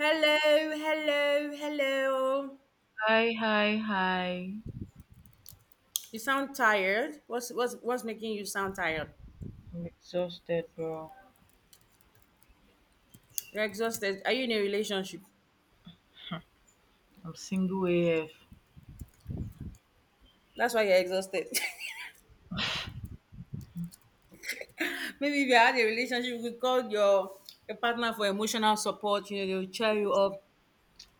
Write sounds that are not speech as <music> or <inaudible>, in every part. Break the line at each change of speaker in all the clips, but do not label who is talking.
Hello, hello, hello.
Hi, hi, hi.
You sound tired. What's making you sound tired?
I'm exhausted, bro.
You're exhausted. Are you in a relationship?
I'm single AF.
That's why you're exhausted. <laughs> Maybe if you had a relationship, you could call your partner for emotional support. You know, they'll cheer you up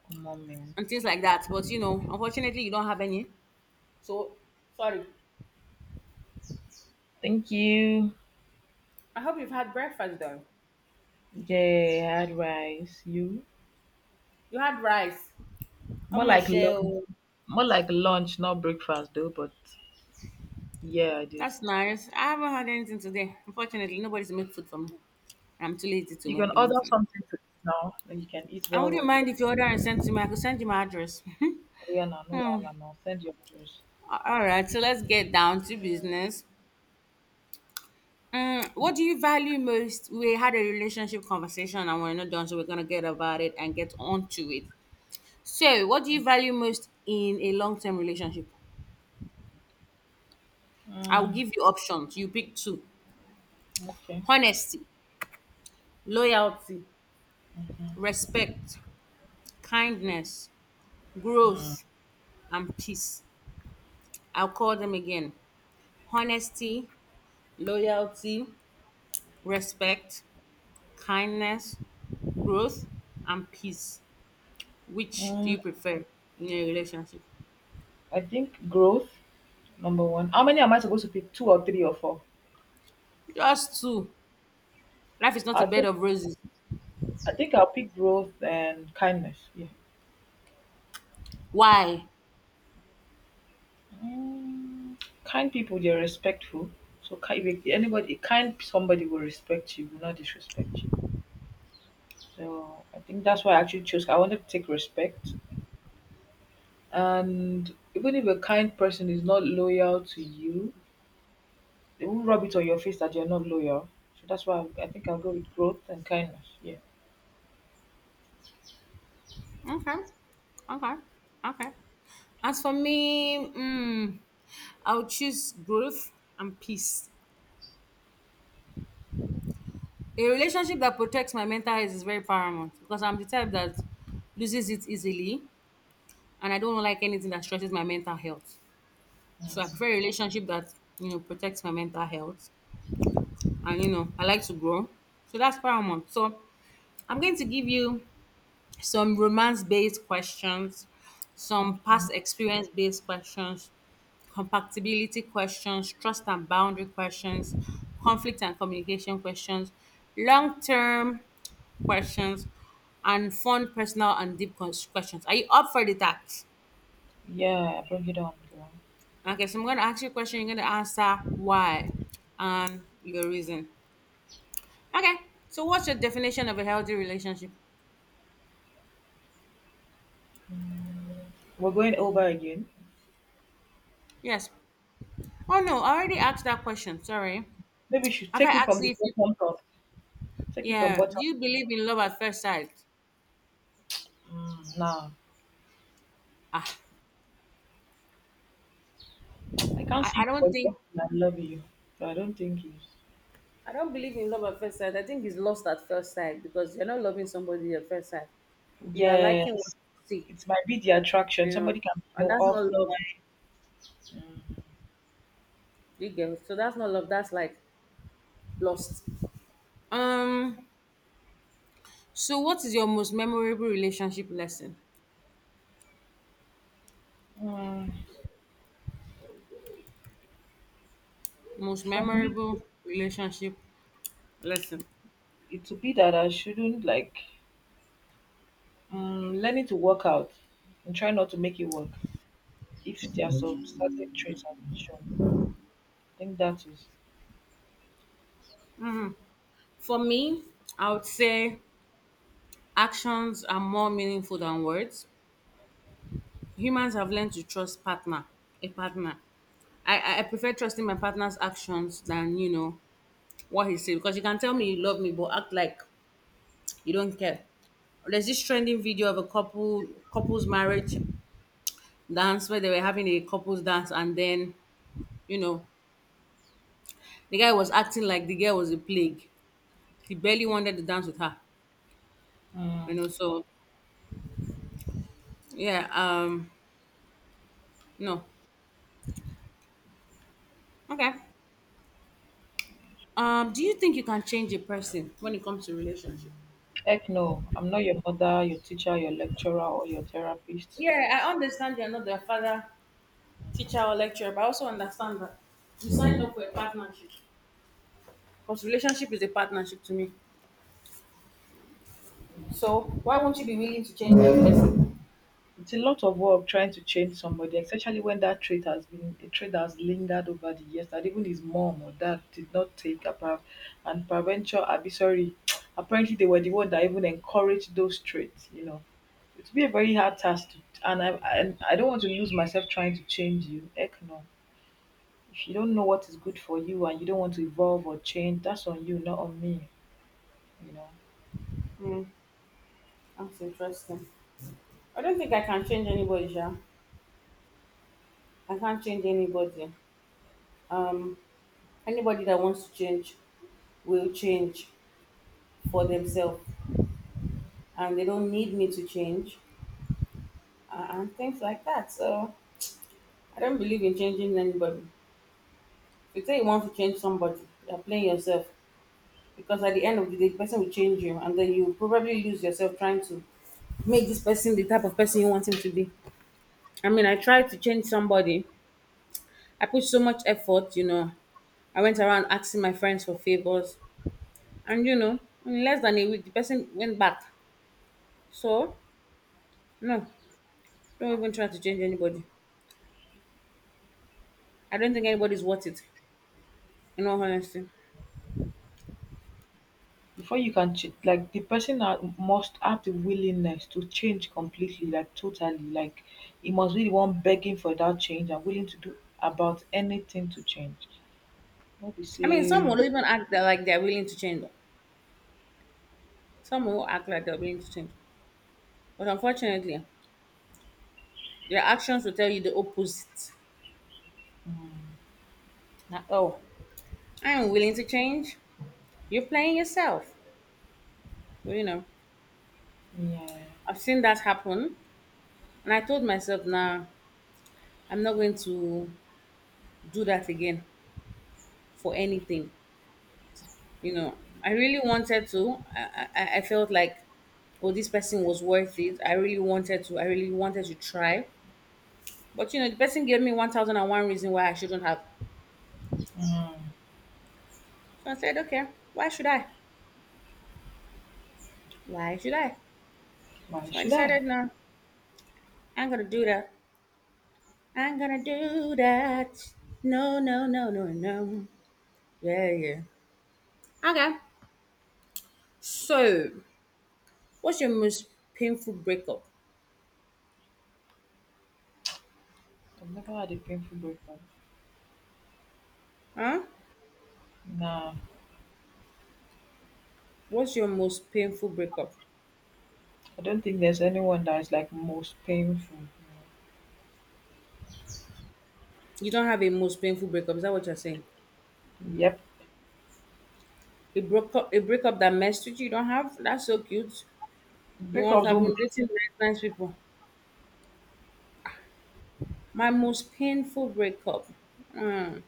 Come on, man.
and things like that. But you know, unfortunately, you don't have any. So sorry.
Thank you.
I hope you've had breakfast though.
Yeah, had rice. You?
You had rice. I'm
More
gonna
like
share.
lunch.
Oh.
More like lunch, not breakfast, though. But yeah, I did.
That's nice. I haven't had anything today. Unfortunately, nobody's made food for me. I'm too lazy to
You
make
can order
anything.
something to eat now, and you can eat
I
while
wouldn't
working.
mind if you order and send to me. I could send you my address. <laughs>
Oh, yeah, no, no,
Hmm.
wahala now. Send your orders.
All right, so let's get down to business. What do you value most? We had a relationship conversation and we're not done, so we're going to get about it and get on to it. So, what do you value most in a long term relationship? I'll
Mm,
give you options. You pick two:
okay.
honesty, loyalty, respect, kindness, growth, and peace. I'll call them again: honesty, loyalty, respect, kindness, growth, and peace. Which do
Mm,
you prefer in a relationship?
I think growth, number one. How many am I supposed to pick? Two or three or four?
Just two. Life is not a
I
bed
think
of roses.
I think I'll pick growth and kindness. Yeah.
Why?
Mm, kind people, they're respectful. So if anybody, kind somebody will respect you, will not disrespect you. So I think that's why I actually chose. I wanted to take respect, and even if a kind person is not loyal to you, they won't rub it on your face that you're not loyal. So that's why I think I'll go with growth and kindness. Yeah.
Okay. Okay. Okay. As for me, I'll choose growth and peace. A relationship that protects my mental health is very paramount because I'm the type that loses it easily and I don't like anything that stresses my mental health. So I prefer a relationship that, you know, protects my mental health. And you know I like to grow, so that's paramount. So I'm going to give you some romance based questions, some
Okay.
past experience based questions, compatibility questions, trust and boundary questions, conflict and communication questions, long term questions, and fun personal and deep questions. Are you up for the task?
Yeah, bring it on, girl.
Okay, so I'm going to ask you a question, you're going to answer why and your reason. Okay, so what's your definition of a healthy relationship?
We're going over again.
Yes. Oh no, I already asked that question. Sorry.
Maybe you should
Have I
take it
asked
from the
you if you
bottom up. Take it from
Yeah, do
bottom.
you believe
Up.
in love at first sight?
Now.
Ah,
I can't
I
say it
don't
for
think
a I love you, but I don't think it's.
I don't believe in love at first sight. I think it's lost at first sight because you're not loving somebody at first sight. You are liking what
Yes,
you see,
it might be the attraction.
you know,
Somebody can be
and
your
that's
off.
not love.
Mm,
You get it? So that's not love. That's like lost. um so what is your most memorable relationship lesson?
Mm,
Most
for me,
memorable relationship lesson.
it would be that I shouldn't like learning to work out and try not to make it work. If there are some certain traits I've shown, I think that is.
For me, I would say actions are more meaningful than words. Humans have learned to trust a partner. I prefer trusting my partner's actions than, you know, what he says. Because you can tell me you love me, but act like you don't care. There's this trending video of a couple's marriage dance where they were having a couple's dance and then, you know, the guy was acting like the girl was a plague. He barely wanted to dance with her. You
Mm,
know, so yeah, no. Okay. Do you think you can change a person when it comes to relationship?
heck no, I'm not your mother, your teacher, your lecturer, or your therapist.
Yeah, I understand you're not their father,
Mm.
teacher, or lecturer, but I also understand that you signed up for a partnership. Because relationship is a partnership to me. So why won't you be willing to change that person?
It's a lot of work trying to change somebody, especially when that trait has been a trait that has lingered over the years that even his mom or dad did not take apart, and parental abi sorry <tsk> apparently they were the one that even encouraged those traits, you know. It would be a very hard task to and I and I don't want to lose myself trying to change you. Heck no. If you don't know what is good for you and you don't want to evolve or change, that's on you, not on me, you know.
Hmm, that's interesting. I don't think I can change anybody, yeah. I can't change anybody. Um, anybody that wants to change will change for themselves, and they don't need me to change, and things like that. So I don't believe in changing anybody. If you say you want to change somebody, you're playing yourself. Because at the end of the day, the person will change you, and then you probably lose yourself trying to make this person the type of person you want him to be. I mean, I tried to change somebody. I put so much effort, you know. I went around asking my friends for favors, and you know, in less than a week, the person went back. So, no, don't even try to change anybody. I don't think anybody's worth it, in all honesty.
Before you can change, like, the person must have the willingness to change completely, like totally, like he must be the one begging for that change and willing to do about anything to change. No be
I mean, some
say
will even act that like they're willing to change. Some will act like they're willing to change, but unfortunately, their actions will tell you the opposite.
mm,
That, oh, I am willing to change. You're playing yourself. Well, you know,
yeah.
I've seen that happen, and I told myself, nah, I'm not going to do that again for anything. You know, I really wanted to. I felt like, oh, this person was worth it. I really wanted to. I really wanted to try. But, you know, the person gave me 1001 reason why I shouldn't have.
mm,
So I said, okay, why should I? Why should I?
why
So I
should I?
decided, no, I'm gonna do that. I'm gonna do that. No, no, no, no, no. Yeah, yeah. Okay. So, what's your most painful breakup?
I've never had a painful breakup.
Huh?
Nah.
What's your most painful breakup?
I don't think there's anyone that is like most painful.
You don't have a most painful breakup. Is that what you're saying?
Yep.
A broke up, a breakup that messed with you. You don't have. That's so cute. You once to
Breakups
have
don't
been
make
dating nice, nice people. My most painful breakup. Hmm.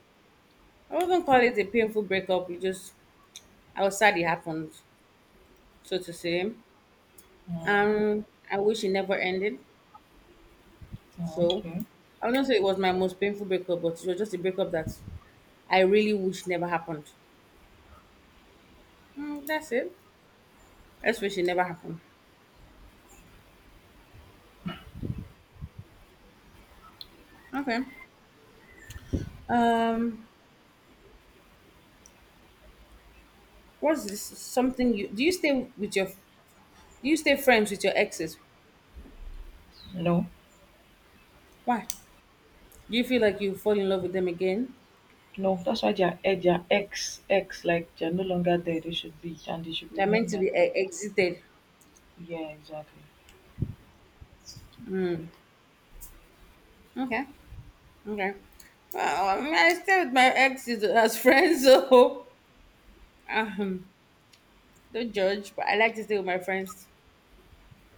I wouldn't call it a painful breakup. It just I was sad it happened, so to say. Um, I wish it never ended.
Oh,
So
okay.
I wouldn't say it was my most painful breakup, but it was just a breakup that I really wish never happened. Mm, that's it. I just wish it never happened. Okay. Um, what's this? Something you do you stay with your do you stay friends with your exes?
No,
Why? Do you feel like you fall in love with them again?
no, that's why they're ex ex, like they're no longer there, they should be, and they should
They're meant
remain
to be
that.
exited.
Yeah, exactly.
Okay. Okay. Well, I mean, I stay with my exes as friends, <laughs> so um, don't judge. But I like to stay with my friends.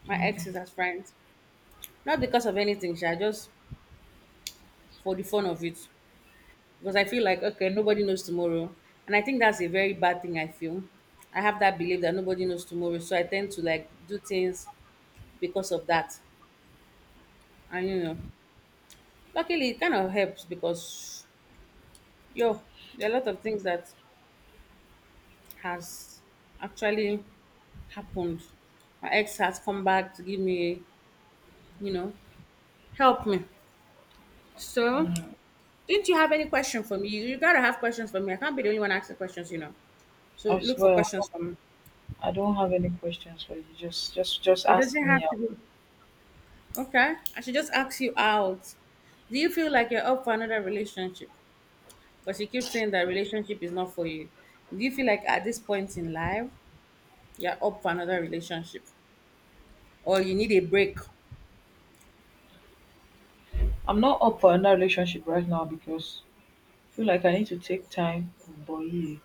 My ex is
Mhm.
as friends. Not because of anything, Sha, just for the fun of it. Because I feel like, okay, nobody knows tomorrow. And I think that's a very bad thing I feel. I have that belief that nobody knows tomorrow. So I tend to like do things because of that. And you know, luckily it kind of helps because yo, there are a lot of things that has actually happened. My ex has come back to give me, you know, help me. So didn't you have any question for me? You gotta have questions for me. I can't be the only one asking questions, you know. So
I
look for
swear,
questions for me.
I don't have any questions for you. Just
It
ask
doesn't
me.
have to be okay. I should just ask you out. Do you feel like you're up for another relationship? Because you keep saying that relationship is not for you. Do you feel like at this point in life you're up for another relationship, or you need a break?
I'm not up for another relationship right now because I feel like I need to take time. But yeah,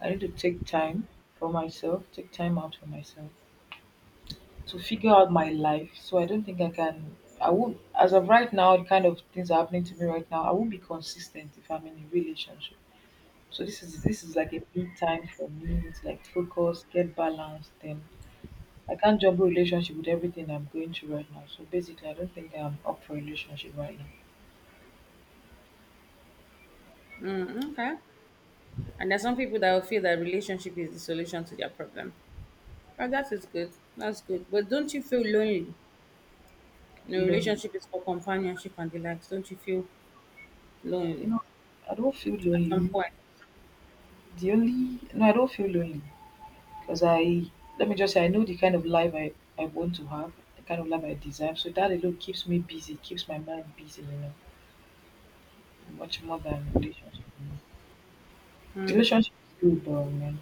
I need to take time for myself, take time out for myself to figure out my life. So I don't think I can. I won't. As of right now, the kind of things are happening to me right now, I won't be consistent if I'm in a relationship. So this is like a big time for me. It's like focus, get balanced, then I can't juggle relationship with everything I'm going through right now. So basically, I don't think I'm up for a relationship right now.
Mm, okay. And there's some people that will feel that relationship is the solution to their problem. But that is good. That's good. But don't you feel lonely? You know,
Lonely.
relationship is for companionship and the likes. Don't you feel lonely
No, I don't feel
at some
lonely.
point?
The only no, I don't feel lonely because I let me just say I know the kind of life I want to have, the kind of life I desire. So that alone keeps me busy, keeps my mind busy, you know, much more than relationship. Relationship is good, but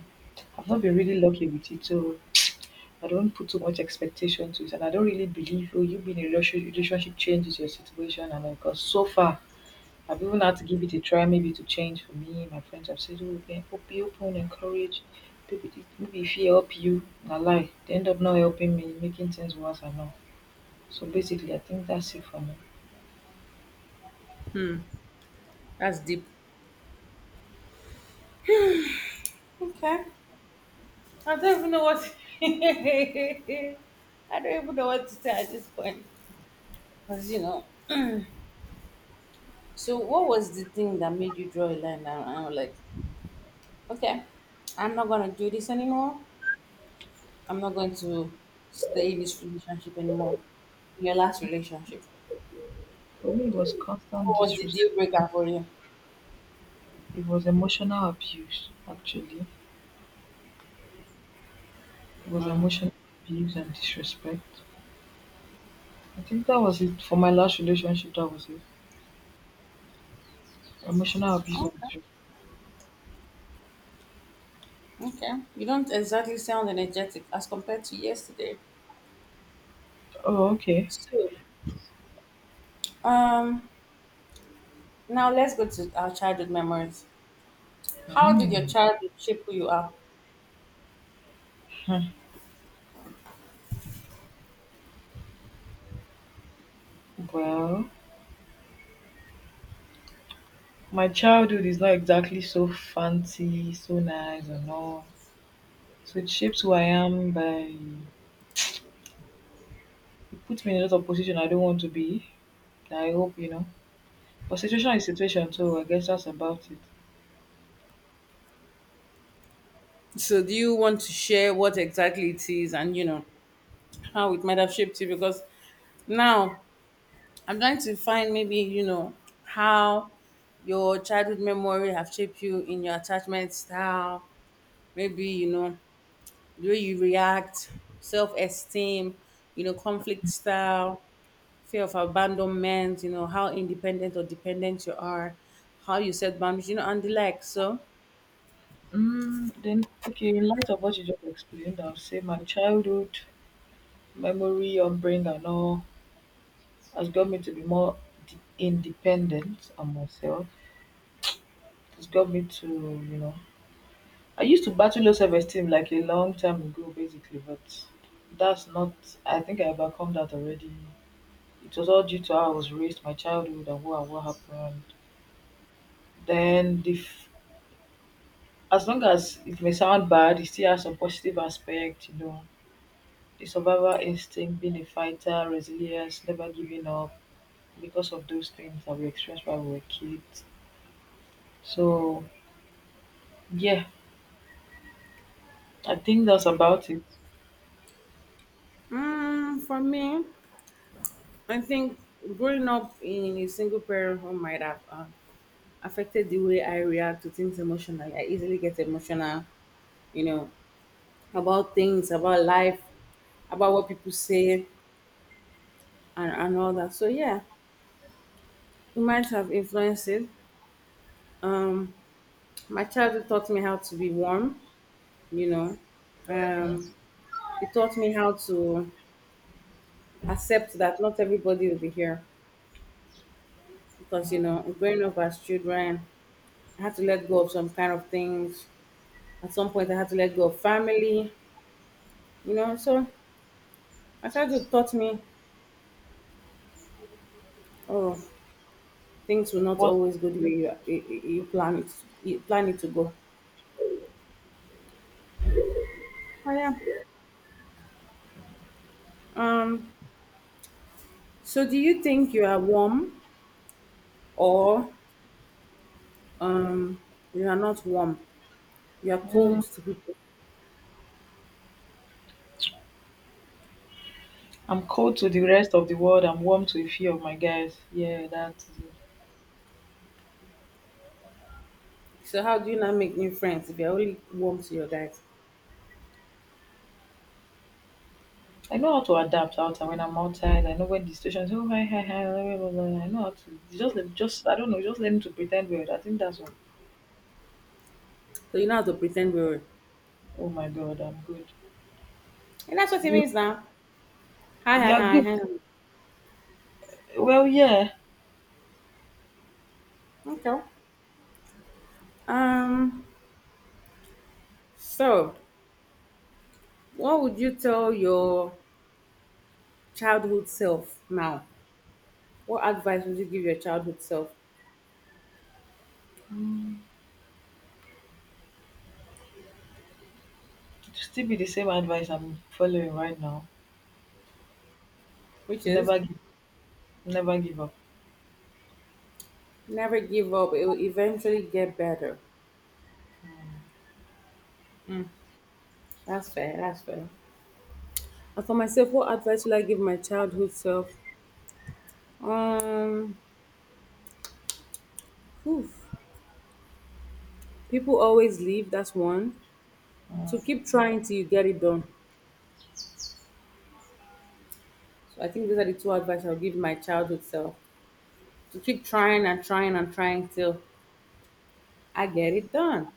I've not been really lucky with it, so I don't put too much expectation to it, and I don't really believe, oh, you being in a relationship changes your situation. And because so far, I've even had to give it a try, maybe to change for me. My friends have said, oh, okay, hope you open, encourage. Maybe, maybe if he help you, na lie. They end up not helping me, making things worse and all. So basically, I think that's it for me.
That's deep. Okay. I don't even know what <laughs> I don't even know what to say at this point. Because you know. So what was the thing that made you draw a line down? And I'm like, okay, I'm not gonna do this anymore. I'm not going to stay in this relationship anymore. Your last relationship.
For me, it was constant
What was the
disrespect.
deal breaker for you?
It was emotional abuse, actually. It was
Mm.
emotional abuse and disrespect. I think that was it for my last relationship. That was it. Emotional abuse and
Okay.
disrespect.
Okay. You don't exactly sound energetic as compared to yesterday.
Oh, okay.
So, um, now let's go to our childhood memories. How did your
Mm.
childhood shape who you are?
Huh. Well, my childhood is not exactly so fancy, so nice, and all. So it shapes who I am by it puts me in a lot of position I don't want to be. I hope you know. But situation is situation, so I guess that's about it.
So, do you want to share what exactly it is and, you know, how it might have shaped you? Because now I'm trying to find maybe, you know, how your childhood memory have shaped you in your attachment style, maybe, you know, the way you react, self-esteem, you know, conflict style, fear of abandonment, you know, how independent or dependent you are, how you set boundaries, you know, and the like. So,
Then okay, in light of what you just explained, I'll say my childhood memory, upbringing, and all has got me to be more independent on myself. It's got me to, you know, I used to battle low self esteem like a long time ago, basically, but that's not, I think I overcome that already. It was all due to how I was raised, my childhood, and what happened. Then, as long as it may sound bad, it still has some positive aspect, you know. The survival instinct, being a fighter, resilience, never giving up because of those things that we experienced when we were kids. So, yeah, I think that's about it.
mm, for me, I think growing up in a single parent home might have affected the way I react to things emotionally. I easily get emotional, you know, about things, about life, about what people say, and all that. So, yeah, it might have influenced it. Um, my childhood taught me how to be warm, you know,
Yeah.
um, it taught me how to accept that not everybody will be here because growing up as children, I had to let go of some kind of things. At some point, I had to let go of family, so my childhood taught me, oh, things will not
What?
always go the way you plan it to go. Oh, yeah. Um so do you think you are warm, or um you are not warm? You are cold to people?
I'm cold to the rest of the world. I'm warm to a few of my guys. Yeah, that's it.
So how do you not make new friends if you're only warm to your guys?
I know how to adapt out and when I'm outside. I know when the situation's oh hi hi hi blah, blah, blah, blah. I know how to just let just I don't know just let me to pretend weird. I think that's all.
So you know how to pretend we're?
Oh my god, I'm good.
And that's what it
You
means now. Hi, hi,
you're
hi,
good.
hi.
Well, yeah.
Hi. Okay. Um, so what would you tell your childhood self now? What advice would you give your childhood self?
Mm, still be the same advice I'm following right now.
Which
To
is
never give, never give up.
never give up, it will eventually get better. That's fair, that's fair. And for myself, what advice will I give my childhood self? Um, oof. People always leave, that's one. To keep trying till you get it done. So I think those are the two advice I'll give my childhood self. To keep trying and trying and trying till I get it done.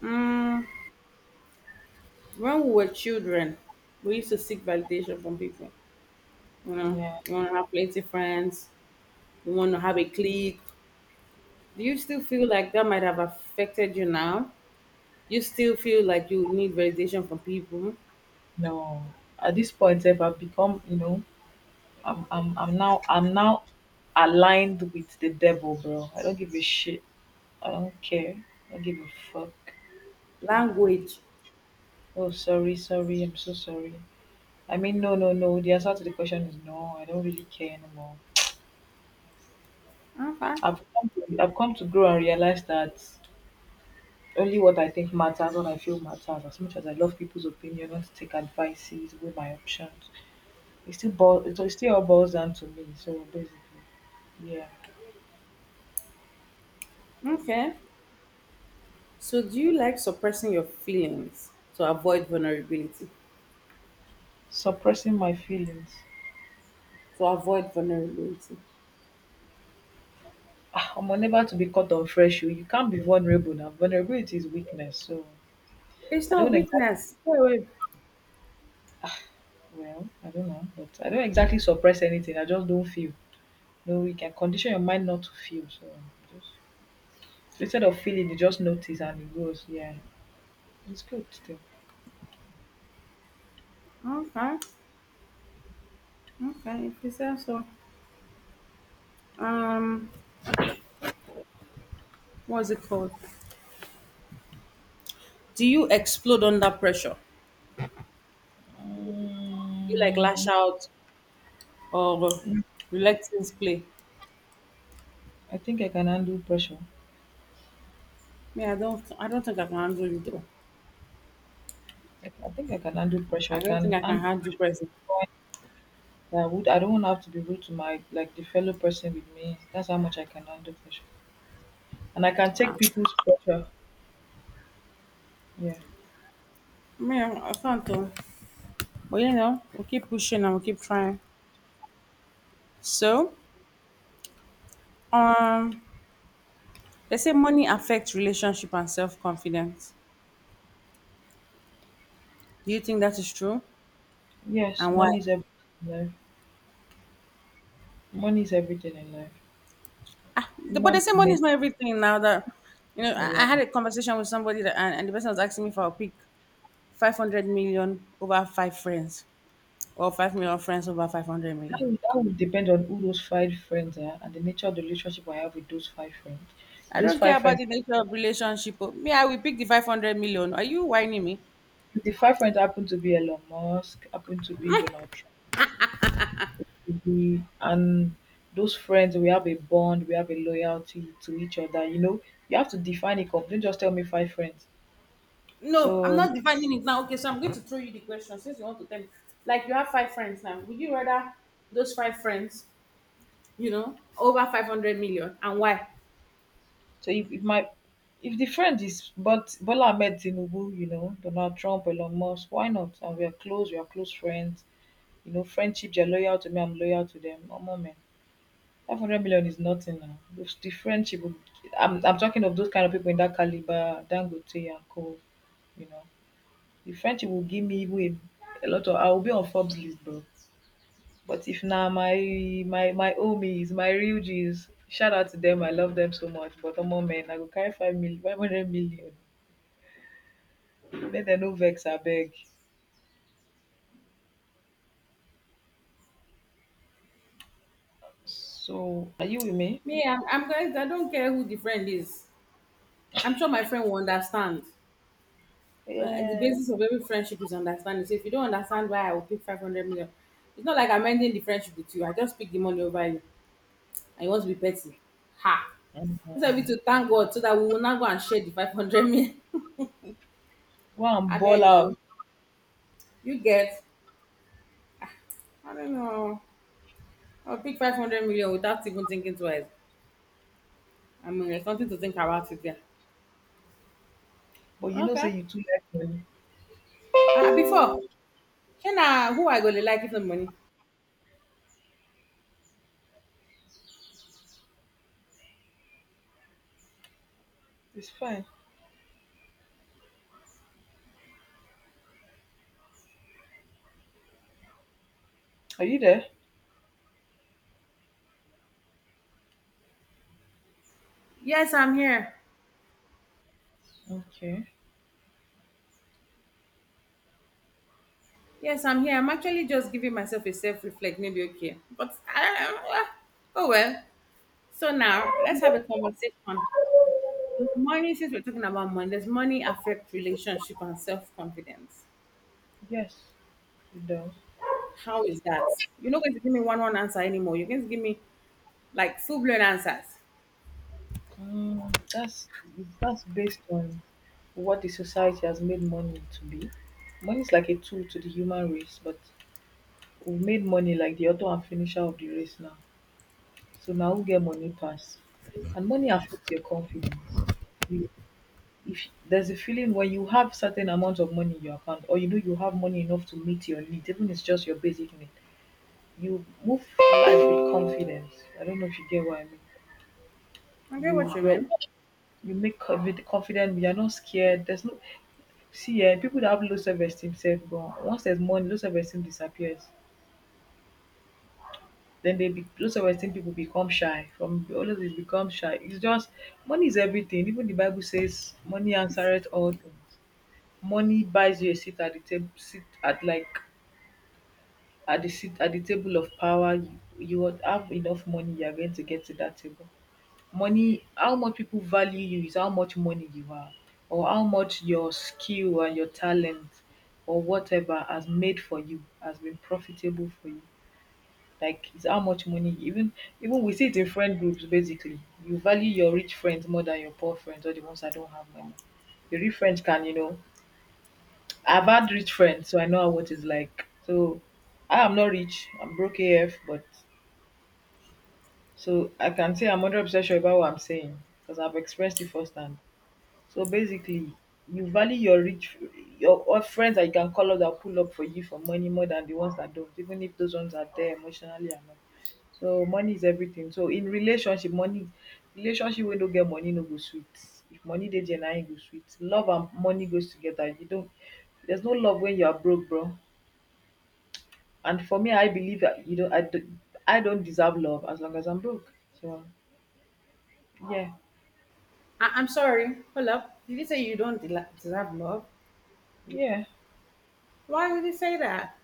Mm, when we were children, we used to seek validation from people. You know,
Yeah.
you want to have plenty friends, you want to have a clique. Do you still feel like that might have affected you now? You still feel like you need validation from people?
No. At this point, if I've become, you know, I'm now aligned with the devil, bro. I don't give a shit. I don't care. I don't give a fuck. You know.
Language.
Oh sorry, sorry, I'm so sorry. I mean no no no. The answer to the question is no, I don't really care anymore.
Okay.
I've come to grow and realize that only what I think matters, what I feel matters. As much as I love people's opinion, want to take advices, weigh my options. It still all boils down to me. So basically, yeah.
Okay. So, do you like suppressing your feelings to avoid vulnerability?
Suppressing my feelings.
To avoid vulnerability.
Ah, am unable to be caught on fresh. You can't be vulnerable now. Vulnerability is weakness. So
It's
I
not
don't exactly,
weakness. Wait, wait.
well, I don't know, but I don't exactly suppress anything. I just don't feel. No, you can condition your mind not to feel. So just instead of feeling, you just notice and it goes. Yeah, it's good still.
Okay. Okay, if you say so. Um, what's it called? Do you explode under pressure? Do you like lash
Um,
out or reluctance play?
I think I can handle pressure.
Me, I don't. I don't think I can handle it though.
I think I can handle pressure.
I
I
don't think
can
I can
and
handle pressure.
I would. I don't have to be rude to my like the fellow person with me. That's how much I can handle pressure, and I can
Ah,
take people's pressure. Yeah.
me, I can't though. But we keep pushing and we keep trying. So, um, they say money affects relationship and self confidence. Do you think that is true?
Yes,
And why?
money is everything in life. Money is everything in life.
But
Human
they say
being
money is
made
not everything now that
for
I had
one.
a conversation with somebody that and the person was asking me for a pick: 500 million over five friends, or 5 million friends over 500 million?
That will that would depend on who those five friends are and the nature of the relationship I have with those five friends.
I
If those
don't care
five
about
friends,
the nature of relationship, oh. Me, I will pick the 500 million. Are you whining me?
if the five friends happen to be Elon Musk, happen to be Donald Trump, and those friends, we have a bond, we have a loyalty to each other. You know, you have to define it. Complete. Don't just tell me five friends.
No, I'm
So
not defining it now. Okay, so I'm going to throw you the question since you want to tell me. Like, you have five friends now. Would you rather those five friends over 500 million? And why?
If my if the friend is but Bola Ahmed Tinubu, you know, Donald Trump, Elon Musk, why not? And we are close friends. You know, friendship, they're loyal to me, I'm loyal to them. Oh moment. 500 million is nothing now. If the friendship will I'm talking of those kind of people in that caliber, Dangote and Co. You know. The friendship will give me even a lot of I will be on Forbes list, bro. But if now my homies, my real G's, shout out to them, I love them so much. But a moment, I go carry 5 million, 500 million make dem no vex abeg, so are you with me?
Me, I'm going. I don't care who the friend is. I'm sure my friend will understand. The
Yeah.
basis of every friendship is understanding. So if you don't understand why I will pick 500 million, it's not like I'm ending the friendship with you. I just pick the money over you and you want to be petty. Ha!
Mm.
Instead of you to thank God so that we will not go and share the 500 million. <laughs>
Go and
I
ball
beg you.
out.
You get. I don't know. I'll pick 500 million without even thinking twice. I mean, there's something to think about it there.
But you know
Okay.
say you too like money.
Before, Shana, who I going to like if the money?
It's fine. Are you there?
Yes, I'm here.
Okay.
Yes, I'm here. I'm actually just giving myself a self reflect, maybe okay. Oh well. So now let's have a conversation. Does money, since we're talking about money, does money affect relationship and self confidence?
Yes. You done?
How is that? You're not going to give me one one answer anymore. You're going to give me like full blown answers.
That's based on what the society has made money to be. Money is like a tool to the human race, but we made money like the author and finisher of the race now. So now who get money pass? And money affects your confidence. You— if there's a feeling when you have certain amount of money in your account, or you know you have money enough to meet your needs, even if it's just your basic need, you move through life with confidence. I don't know if you get what I mean.
I get what
You
you
you
mean.
you make co- with confident. You are not scared. There's no— see eh, people that have low self esteem self gone. Once there's money, low self esteem disappears. Then they be, low self esteem people become shy. From always they become shy. It's just money is everything. Even the Bible says money answereth all things. Money buys you a seat at the table, seat at— like at the seat at the table of power. You would have enough money, you are going to get to that table. Money— how much people value you is how much money you have, or how much your skill and your talent or whatever has made for you has been profitable for you. Like it's how much money. Even we see it in friend groups. Basically, you value your rich friends more than your poor friends or the ones that don't have money. The rich friends can, you know— I've had rich friends, so I know what it's like. So I am not rich, I'm broke af, but so I can say I'm 100% sure about what I'm saying, because I've expressed it firsthand. So basically, you value your rich, your or friends that you can call up that pull up for you for money more than the ones that don't, even if those ones are there emotionally and all. So money is everything. So in relationship, money— relationship wey no get money no go sweet. If money dey there, na im go sweet. Love and money goes together. You don't— there's no love when you are broke, bro. And for me, I believe that you don't. I don't deserve love as long as I'm broke. So yeah,
I'm sorry. Hold up. Did you say you don't deserve love?
yeah.
Why would you say that?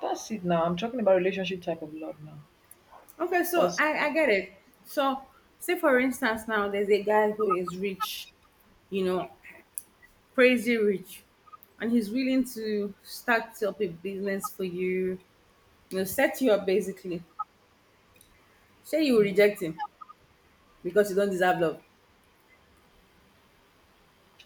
That's it now. I'm talking about relationship type of love now.
Okay, so
Because
I get it. So, say for instance, now there's a guy who is rich, you know, crazy rich, and he's willing to start up a business for you, set you up basically. Say you
I
reject him because you don't deserve love.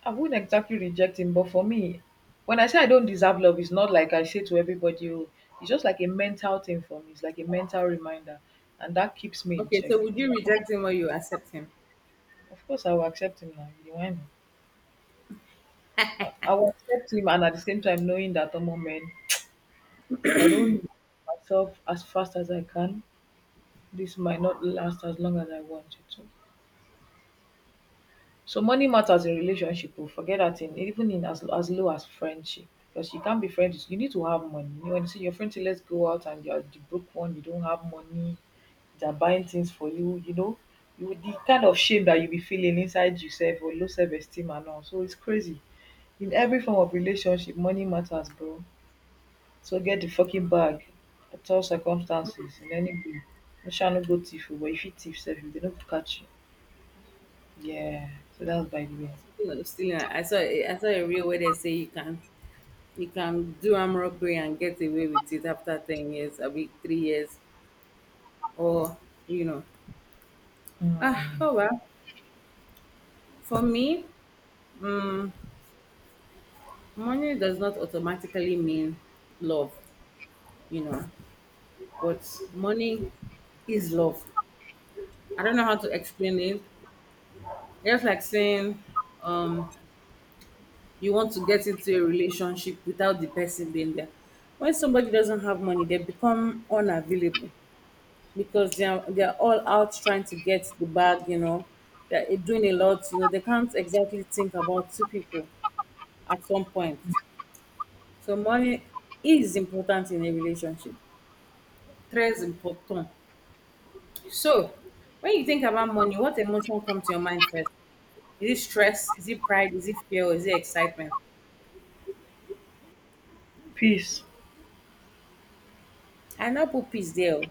wouldn't exactly reject him, but for me, when I say I don't deserve love, it's not like I say to everybody, oh, it's just like a mental thing for me. It's like a mental reminder. And that keeps me in
Okay,
check.
so would
It's
you
like,
reject him or you accept him?
of course, I will accept him now. You know, me? I mean? I will accept him, and at the same time, knowing that, oh, moment, if I don't do myself as fast as I can, this might not last as long as I want it to. So money matters in relationship oh, forget that thing, even in as low as friendship, because you can't be friends— you need to have money. When you see your friend say let's go out and you are the broke one, you don't have money, they are buying things for you, you know, you— the kind of shame that you be feeling inside yourself or low self esteem and all, so its crazy. In every form of relationship money matters, bro, so get the fucking bag at all circumstances, in any way. You shall no go thief oh, but if you thief sef, if they don't catch you. Yeah, so that's by the way.
Speaking of stealing, I saw a reel where they say you can do arm robbery and get away with it after 10 years, a week, 3 years, or you know. Ah,
Hmm.
oh well. For me, money does not automatically mean love, you know, but money is love. I don't know how to explain it. It's like saying um, you want to get into a relationship without the person being there. When somebody doesn't have money, they become unavailable because they are all out trying to get the bag, They're doing a lot. They can't exactly think about two people at some point. So money is important in a relationship. Très important. So, when you think about money, what emotion comes to your mind first? Is it stress? Is it pride? Is it fear? Or is it excitement?
Peace.
I now put peace there. Oh.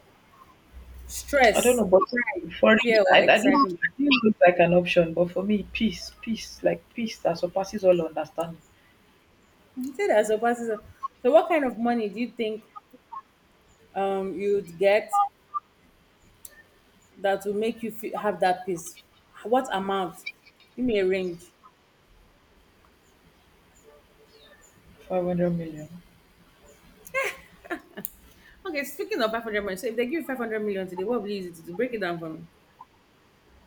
I don't
Stress,
know, but
pride,
for me,
fear, or
didn't—
excitement.
I didn't look like an option, but for me, peace, peace, like peace that surpasses all understanding.
You say that surpasses it. So, what kind of money do you think you'd get that will make you feel, have that peace? What amount? Give me a range.
500 million.
Okay, speaking of 500 million, so if they give you 500 million today, what will you use it to do? Break it down for me.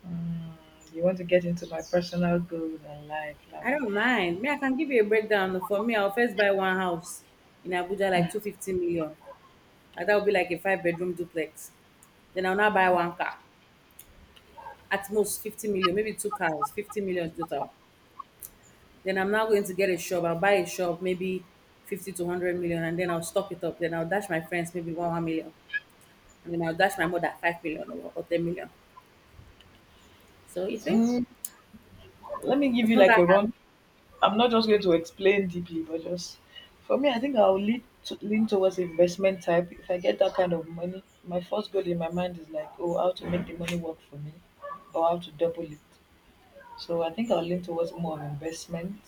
Mm, you want to get into my personal goals and life. Like,
I don't mind. Me, I can give you a breakdown. For me, I'll first buy one house in Abuja, like 250 million. And that would be like a five-bedroom duplex. Then I'll now buy one car, at most 50 million, maybe two cars, 50 million total. Then I'm now going to get a shop. I'll buy a shop, maybe 50 to 100 million, and then I'll stock it up. Then I'll dash my friends maybe one, 1 million. And then I'll dash my mother 5 million or 10 million. So you see,
mm, let me give
it's
you
not
like
that
a
hard.
run. I'm not just going to explain deeply, but just for me, I think I'll lean towards investment type. If I get that kind of money, my first goal in my mind is like, oh, how to make the money work for me or how to double it. So I think I'll lean towards more on investment.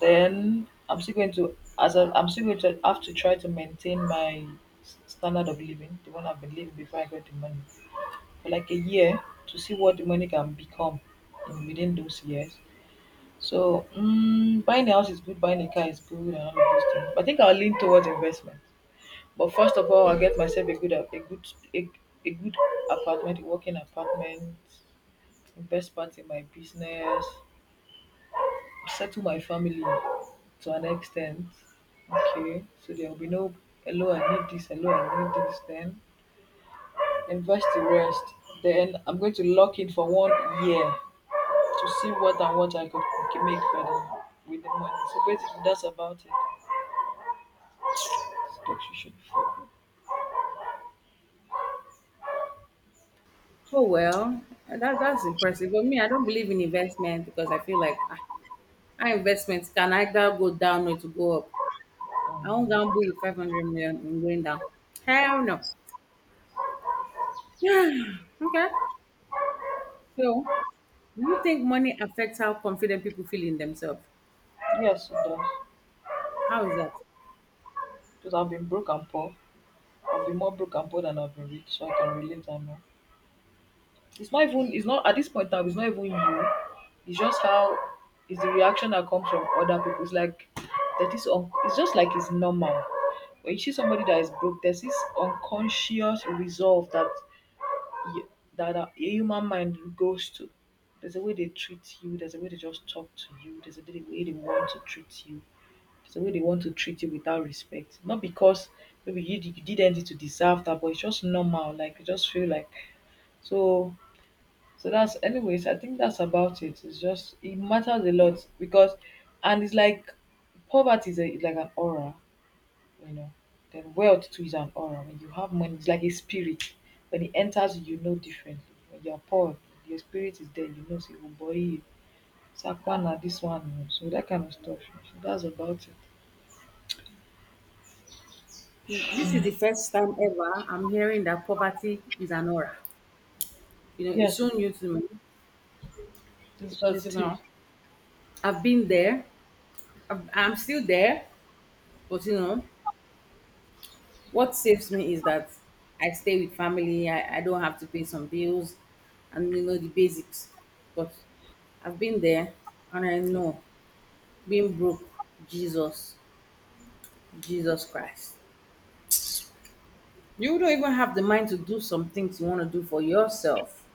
Then I'm still going to— I'm still going to have to try to maintain my s- standard of living, the one I've been living before I got the money, for like a year, to see what the money can become in within those years. So buying a house is good, buying a car is good, and all of those things. But I think I'll lean towards investment. But first of all, I'll get myself a good— a, a good apartment, a working apartment, invest part in my business, settle my family to an extent. Okay, so there will be no hello, I need this, hello, I need this. Then invest the rest. Then I'm going to lock in for 1 year to see what and what I could c- make better with the money. So basically, that's about it. Stocks you should follow.
Oh, well, that's impressive. But me, I don't believe in investment because I feel like, how investment can either go down or to go up. I
Um,
won't gamble with 500 million and going down. Hell no. <sighs> Okay. So, do you think money affects how confident people feel in themselves?
yes, it does.
How is that?
Because I've been broke and poor. I've been more broke and poor than I've been rich, so I can relate that more. It's not even— it's not at this point now, it's not even you. It's just how— it's the reaction that comes from other people. It's like that is un- it's just like it's normal. When you see somebody that is broke, there's this unconscious resolve that y- that a human mind goes to. There's a way they treat you. There's a way they just talk to you. There's a way they want to treat you. There's a way they want to treat you without respect. Not because maybe you did anything to deserve that, but it's just normal. Like you just feel like— so so that's— anyways, I think that's about it. It's just, it matters a lot, because— and it's like poverty is, a, is like an aura, you know. Then wealth too is an aura. When you have money, it's like a spirit. When it enters you, you know differently. When you're poor, your spirit is there. You know, say, oh boy, Sakwana, this one, you know, so that kind of stuff. So that's about it.
This is the first time ever I'm hearing that poverty is an aura. It's
Yes,
so new to me because,
it is.
I've been there, I'm still there, but, what saves me is that I stay with family. I don't have to pay some bills and you know the basics. But I've been there and I know being broke, Jesus, Jesus Christ. You don't even have the mind to do some things you want to do for yourself.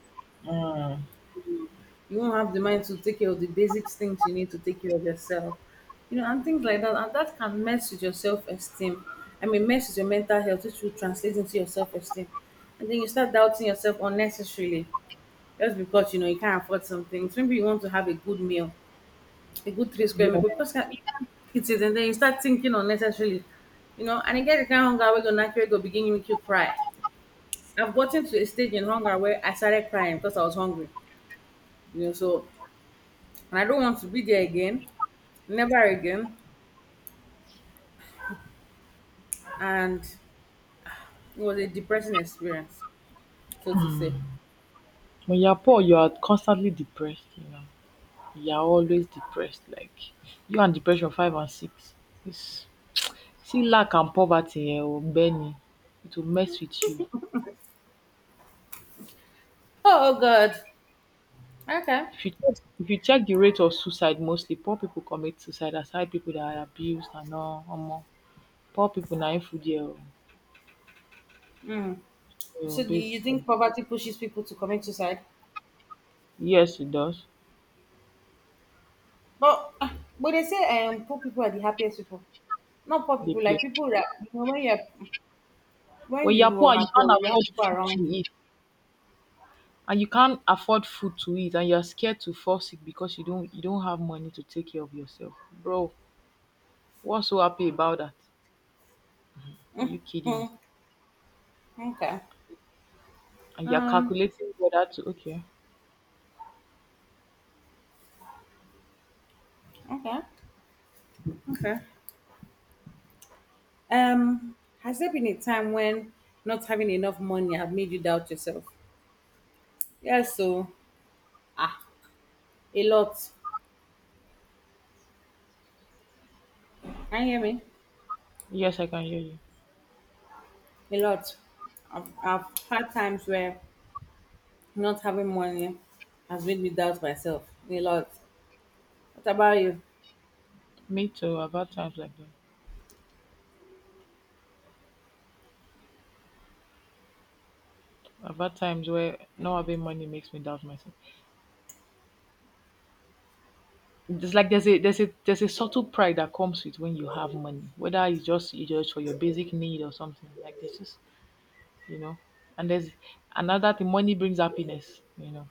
Mm,
You won't have the mind to take care of the basic things you need to take care of yourself. And things like that. And that can mess with your self esteem. I mean, mess with your mental health, which will translate into your self esteem. And then you start doubting yourself unnecessarily. Just because you know you can't afford some things. Maybe you want to have a good meal, a good three square meal, but
yeah.
because you can't eat it and then you start thinking unnecessarily, and you get the kind of hunger where gonna actually go begin to make you cry. I've gotten to a stage in hunger where I started crying because I was hungry. So and I don't want to be there again, never again. And it was a depressing experience, so to say.
When you're poor, you are constantly depressed, you know. You are always depressed. Like you and depression five and six. It's— see lack and poverty eh, or Benny. It will mess with you.
Oh, oh God. Okay.
If you check, the rate of suicide, mostly poor people commit suicide, aside people that are abused and all. Omo. Poor people na in food here. Oh. So
So do you think
basically,
poverty pushes people to commit suicide?
yes, it does.
But ah, but they say poor people are the happiest people. Not poor
They
people,
play.
like people that, when
When you are
you
poor and you
are
can't
poor, you have
afford
people
food to
around you.
eat, and you can't afford food to eat, and you are scared to fall sick because you don't have money to take care of yourself, bro. What's so happy about that? Are you kidding?
Hmm. Okay.
And you're
Um
calculating whether to okay.
okay. Okay. Um has there been a time when not having enough money have made you doubt yourself? Yes, so ah, a lot. Can you hear me?
Yes, I can hear you.
A lot. I've had times where not having money has made me doubt myself. A lot. What about you?
Me too. I've had times like that. I've had times where not having money makes me doubt myself. It's like there's a subtle pride that comes with when you have money, whether it's just for your basic need or something like this is, you know. And there's another thing. Money brings happiness, you know.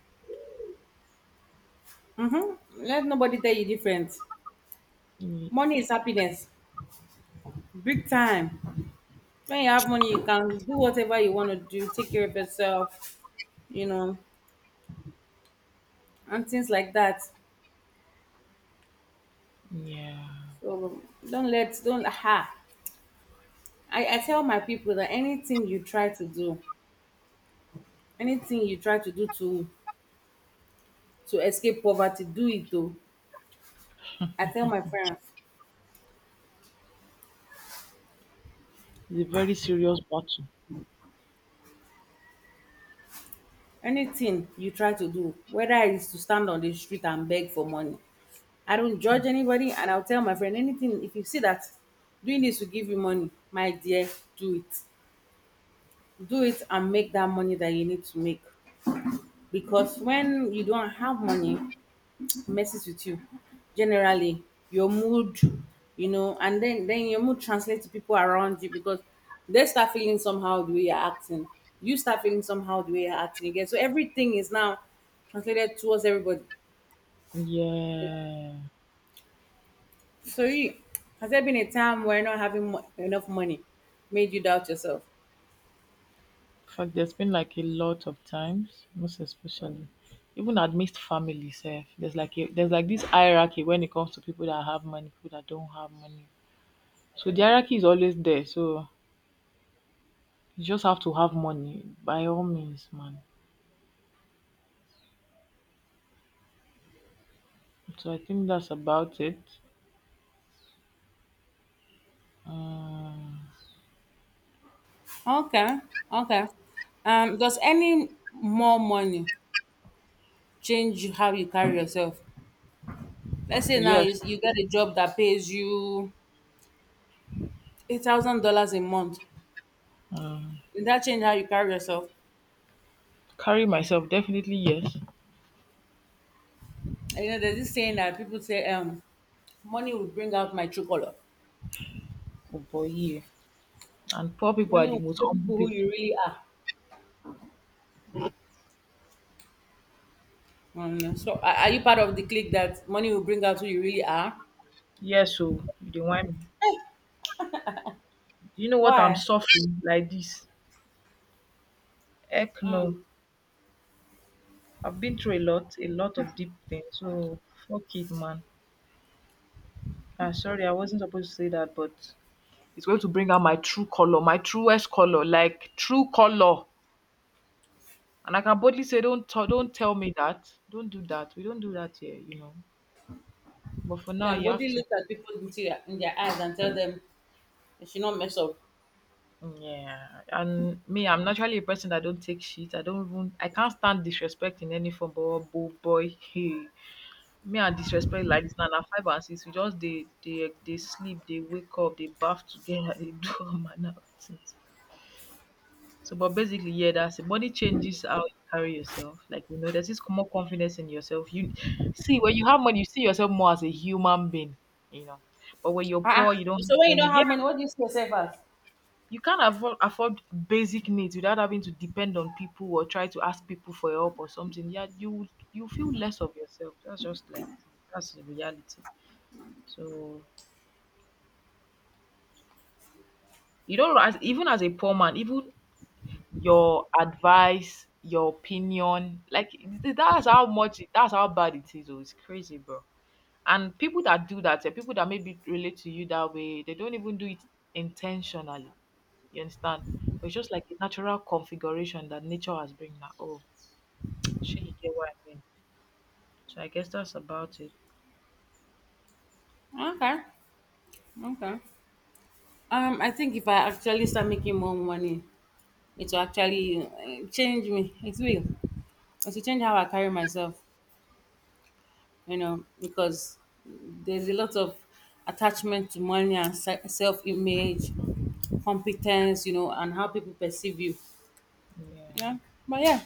Mm-hmm. Let nobody tell you different.
Mm,
Money is happiness, big time. When you have money, you can do whatever you want to do, take care of yourself, you know, and things like that.
yeah,
So don't, ha. I tell my people that anything you try to do, anything you try to do to escape poverty, do it though. I tell my friends.
it's a very serious battle.
Anything you try to do, whether it's to stand on the street and beg for money, I don't judge anybody. And I'll tell my friend anything. If you see that doing this will give you money, my dear, do it. Do it and make that money that you need to make. Because when you don't have money, messes with you generally, your mood, and then your mood translates to people around you. Because they start feeling somehow the way you're acting, you start feeling somehow the way you're acting again, so everything is now translated towards everybody. Yeah.
Yeah.
So you, has there been a time where not having mo- enough money made you doubt yourself?
In fact, there's been like a lot of times, most especially, even amidst family sef, there's like a— there's like this hierarchy when it comes to people that have money, people that don't have money. So the hierarchy is always there. So you just have to have money by all means, man. So I think that's about it. Um,
Okay, okay. Does any more money change you, how you carry yourself? Let's say now
yes,
you get a job that pays you $8,000 a month.
um,
Did that change how you carry yourself?
carry myself, definitely yes.
And you know, there's this saying that people say, money will bring out my true color.
Oh boy, yeah. And poor people are
Money
the
will
most
show
humble
people who
people.
you really are. So are you part of the clique that money will bring out who you really are?
Yes, so they want me. Do you know what I'm
Why?
suffering like this? Heck no.
Mm.
I've been through a lot of deep things. So fuck it, man. Ah, sorry, I wasn't supposed to say that, but it's going to bring out my true color, my truest color, like true color. And I can boldly say, don't t- don't tell me that. Don't do that. We don't do that here, you know. But for now,
Can
you have
body
to.
look at people into in their eyes and tell them they should not mess up?
Mm, yeah, and me, I'm naturally a person that don't take shit. I don't even. I can't stand disrespect in any form. But oh boy, <laughs> hey, me I disrespect like this. Na na five and six we just dey dey dey sleep dey wake up dey baff together dey do <laughs> all manner of things. So, but basically, yeah, that's it. Body changes how you carry yourself, like, you know, there's this more confidence in yourself. You see, when you have money, you see yourself more as a human being, you know. But when you're
Ah,
poor, you don't
so
have
when you
money,
don't
yeah.
have money, what do you see yourself as?
You can't afford basic needs without having to depend on people or try to ask people for help or something, yeah. You feel less of yourself. That's just like, that's the reality. So. You don't know, as even as a poor man, even your advice, your opinion, like, that's how bad it is. Oh, it's crazy, bro. And people that do that, people that maybe relate to you that way, they don't even do it intentionally. You understand? But it's just like a natural configuration that nature has bring now. Oh, sure, you get what I mean. So I guess that's about it.
Okay, okay. I think if I actually start making more money, it will actually change me. It will. It will change how I carry myself, you know, because there's a lot of attachment to money and self image, competence, you know, and how people perceive you.
Yeah.
Yeah. But yeah,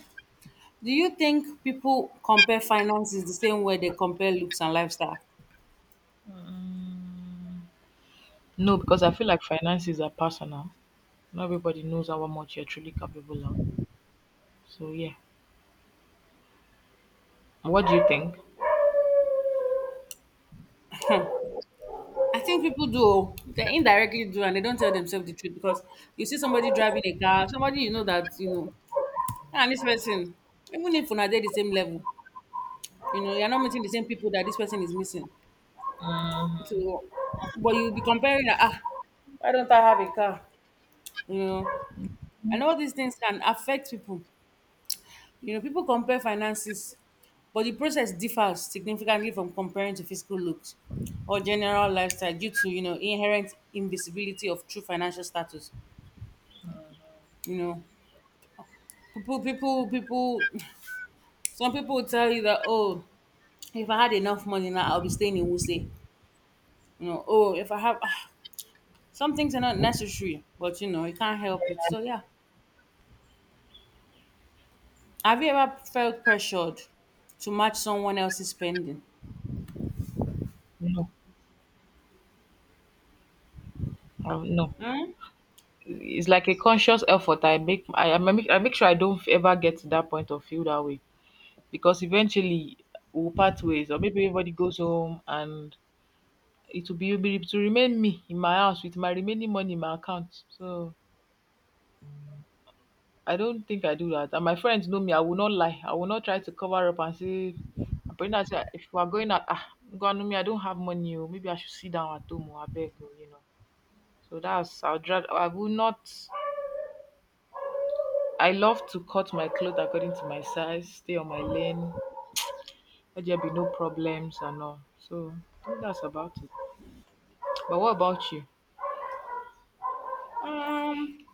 do you think people compare finances the same way they compare looks and lifestyle?
Mm. No, because I feel like finances are personal. Not everybody knows how much you're truly capable of. So yeah. What do you think?
I think people do. Oh. They indirectly do, and they don't tell themselves the truth because you see somebody driving a car, somebody you know that you know, and this person, even if una dey the same level, you know, you're not meeting the same people that this person is missing. To, but you'll be comparing that. Ah, why don't I have a car? You know, I know these things can affect people, you know. People compare finances, but the process differs significantly from comparing to physical looks or general lifestyle due to, you know, inherent invisibility of true financial status, you know. People <sighs> <tsk> some people will tell you that, oh, if I had enough money now, I'll be staying in Wuse. You know, oh, if I have, ah, some things are not necessary, but you know, you can't help it. So yeah, have you ever felt pressured to match someone else's spending?
No, no.
Hmm?
It's like a conscious effort. I make sure I don't ever get to that point or feel that way, because eventually we'll part ways, or maybe everybody goes home and it will be to remain me in my house with my remaining money in my account. So I don't think I do that. And my friends know me. I will not lie. I will not try to cover up and say. I'm praying that, say, if we are going out, ah, God, no, me, I don't have money. Oh, maybe I should sit down at home. Oh, I beg, oh," you know. So that's I'd rather I would not I love to cut my clothes according to my size, stay on my lane, let there be no problems and all. So I think that's about it. But what about you?
Um,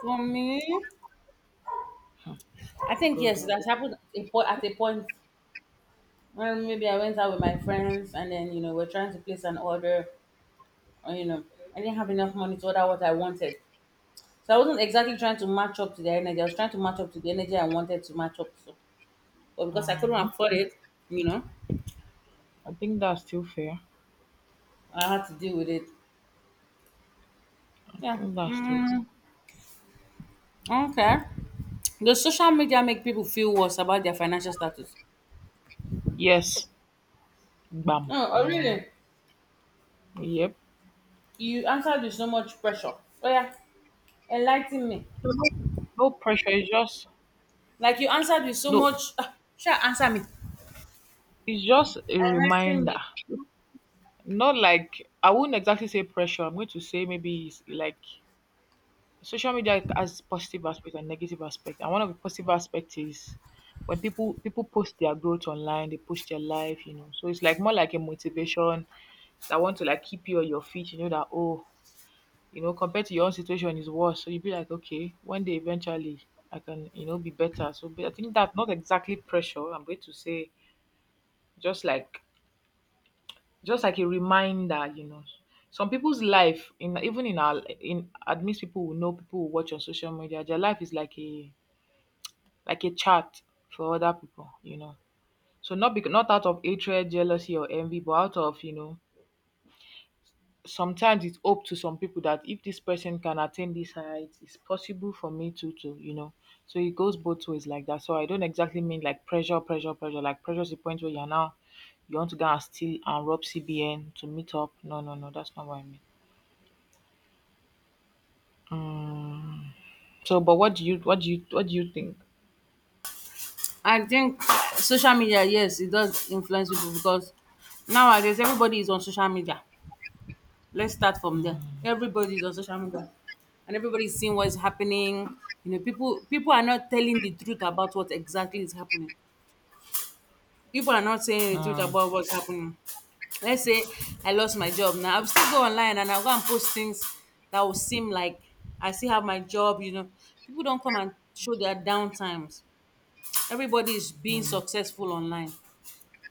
for me, I think
Good.
yes, that's happened at a point when maybe I went out with my friends, and then you know we're trying to place an order, or you know I didn't have enough money to order what I wanted. So I wasn't exactly trying to match up to the energy. I was trying to match up to the energy I wanted to match up to, but because I couldn't
Mm,
afford it, you know,
I think that's still fair. I
I had to deal with it. Yeah.
think that's still.
Mm, okay. Does social media make people feel worse about their financial status?
Yes. Bam.
No, oh, really?
Yep.
You answered with so much pressure. Oh yeah, enlighten me.
No, no pressure. It's just
Like you answered with so
no.
much. Sure, answer me.
It's just a
Enlighten
reminder.
me.
Not like I wouldn't exactly say pressure. I'm going to say maybe it's like social media has positive aspect and negative aspect, and one of the positive aspect is when people post their growth online, they post their life, so it's like more like a motivation that want to like keep you on your feet, that, oh, compared to your own situation is worse, so you be like, okay, one day eventually I can be better. So, but I think that's not exactly pressure. I'm going to say just like a reminder, you know. Some people's life, in even in our, in at people who know, people who watch on social media, their life is like a chat for other people, you know. So not because, not out of hatred, jealousy, or envy, but out of, you know. Sometimes it's hope to some people that if this person can attain this height, it's possible for me too, to, you know. So it goes both ways like that. So I don't exactly mean like pressure, pressure, pressure. Like, pressure is the point where you're now, you want to go and steal and rob CBN to meet up. No, no, no, that's not what I mean. Mm. So, but what do you think?
I think social media, yes, it does influence people because nowadays everybody is on social media. Let's start from there. Everybody is on social media, and everybody's seeing what's happening. You know, people are not telling the truth about what exactly is happening. People are not saying the truth
Mm.
about what's happening. Let's say I lost my job now. I'll still go online and I'll go and post things that will seem like I still have my job, you know. People don't come and show their down times. Everybody is being
Mm.
successful online.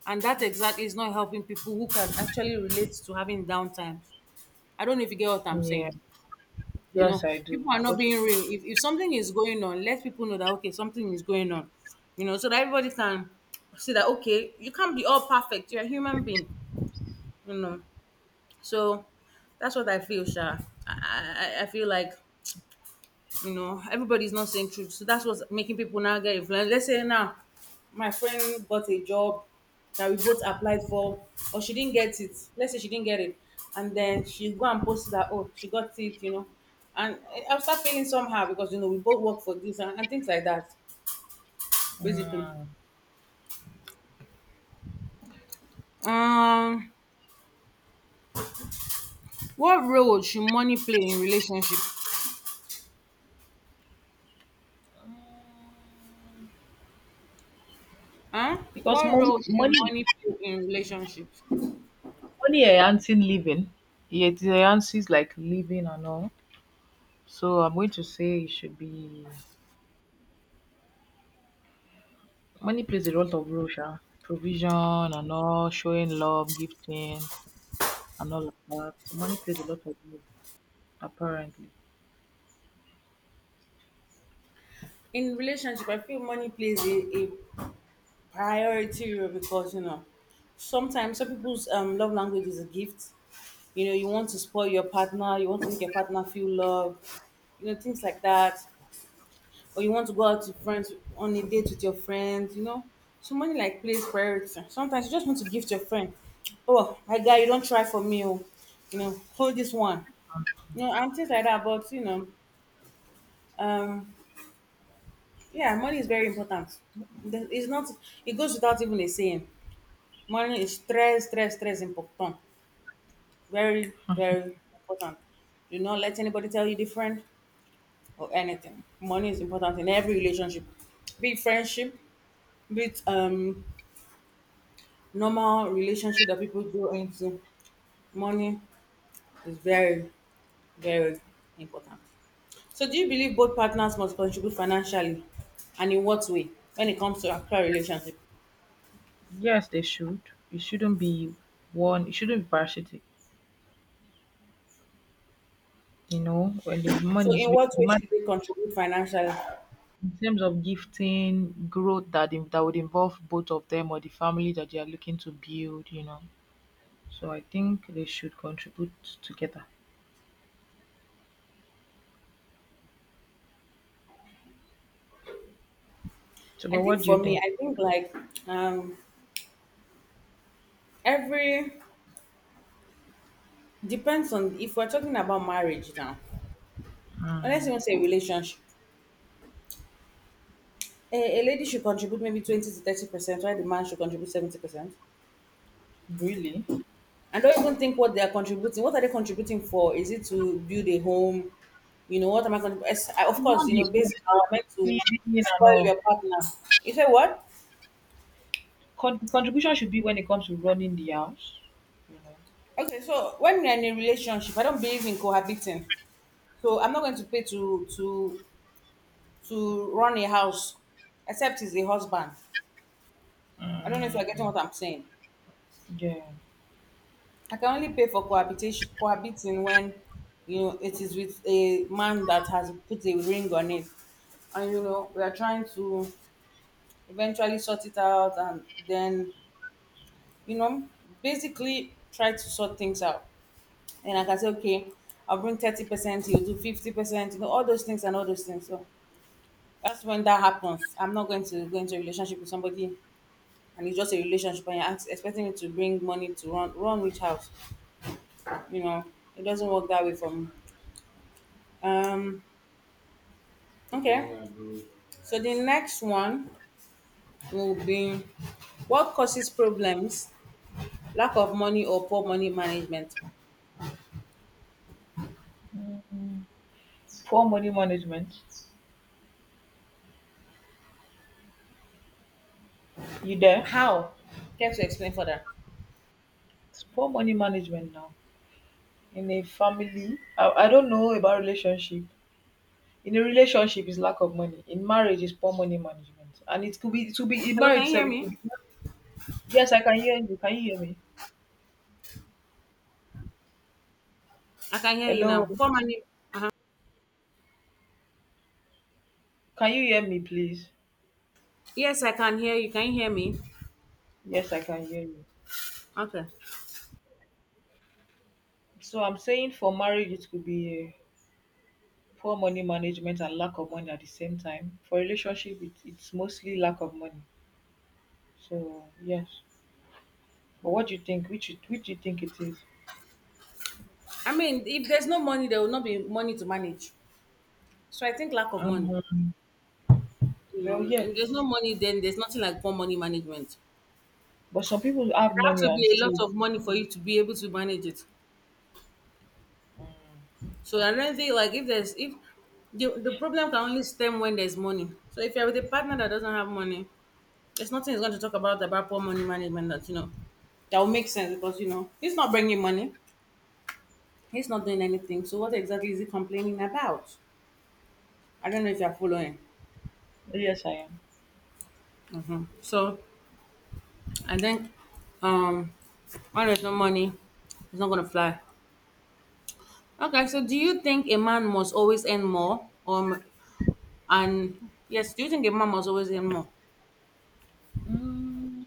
And that exactly is not helping people who can actually relate to having downtime. I don't know if you get what I'm saying.
Yeah.
You
Yes,
know,
I do.
people
I
are not
get what
being real. If something is going on, let people know that, okay, something is going on. You know, so that everybody can see that, okay, you can't be all perfect. You're a human being, you know. So that's what I feel, Sha. I feel like, you know, everybody's not saying truth. So that's what's making people now get influenced. Let's say now my friend got a job that we both applied for, or she didn't get it. Let's say she didn't get it. And then she go and post that, oh, she got it, you know. And I'll start feeling somehow because you know we both work for this, and things like that, basically. Um what role should money play in relationship?
you're saying.
Huh?
Because
What
money
role should
money
money play in relationships?
money enhancing living. It enhances like living and all. So I'm going to say it should be, money plays a lot of role, sha. Provision and all, showing love, gifting and all of that. So money plays a lot of role, apparently.
In relationship, I feel money plays a priority role because you know sometimes some people's love language is a gift, you know. You want to spoil your partner, you want to make your partner feel loved, you know, things like that. Or you want to go out to friends on a date with your friends, you know. So money like plays priority. Sometimes you just want to gift your friend, oh my guy, you don't try for me, oh, you know, hold this one, you know, and things like that. But you know, um yeah, money is very important. It's not, it goes without even a saying. Money is stress, stress, stress important. Very, very important. Do not let anybody tell you different or anything. Money is important in every relationship, be it friendship, be it normal relationship that people go into. Money is very, very important. So, do you believe both partners must contribute financially, and in what way when it comes to actual relationship?
Yes, they should. It shouldn't be it shouldn't be parasitic, you know, when the
So,
money is
in
made,
what
the
way
man
should they contribute financially?
in terms of gifting, growth that would involve both of them or the family that they are looking to build, you know. So I think they should contribute together. So,
I
but
think
what do
for
you
me,
think?
I think like, um, every, depends on if we're talking about marriage now. Unless
Mm.
you us even say relationship. A lady should contribute maybe 20 to 30%, while the man should contribute 70%.
Really?
And don't even think what they are contributing. What are they contributing for? Is it to build a home? You know, what am I going to? Of course,
Not
you
the
know,
food
basically, you're
now,
meant to
feeding and
spoil
all.
your partner. You say what?
The contribution should be when it comes to running the house, you know.
Okay, so when you're in a relationship, I don't believe in cohabiting. So I'm not going to pay to run a house, except he's a husband. I don't know if you're getting
Mm.
what I'm saying.
Yeah.
I can only pay for cohabitation cohabiting when you know it is with a man that has put a ring on it. And you know, we are trying to eventually sort it out, and then, you know, basically try to sort things out. And like I can say, okay, I'll bring 30%, you do 50%, you know, all those things and all those things. So that's when that happens. I'm not going to go into a relationship with somebody and it's just a relationship and you're expecting me to bring money to run which house. You know, it doesn't work that way for me. Um, okay. So the next one will be what causes problems, lack of money or poor money management.
Mm. Poor money management. You there?
How? Care to explain further?
It's poor money management now in a family. I don't know about relationship. In a relationship is lack of money. In marriage is poor money management, and it could be in
Hello, can
marriage
you hear
itself. It could
me?
be. Yes, I can hear you. Can you hear me?
I can hear you
Hello,
now. Poor money. Uh-huh.
can you hear me, please?
Yes, I can hear you. Can you hear me?
Yes, I can hear you.
Okay.
So I'm saying for marriage, it could be uh, poor money management and lack of money at the same time. For relationship, it's mostly lack of money. So yes, but what do you think? Which do you think it is?
I mean, if there's no money, there will not be money to manage. So I think lack of money. You
Well,
know,
yeah,
if there's no money, then there's nothing like poor money management.
but some people
There
have
have
money
to
and
be a lot
still.
of money for you to be able to manage it. So I don't think like if there's if the problem can only stem when there's money. So if you're with a partner that doesn't have money, there's nothing he's going to talk about poor money management that you know that will make sense, because you know he's not bringing money, he's not doing anything. So what exactly is he complaining about? I don't know if you're following.
Yes, I am.
Hmm. So I think um when there's no money, it's not gonna fly. Okay, so do you think a man must always earn more? And yes, do you think a man must always earn more?
Mm,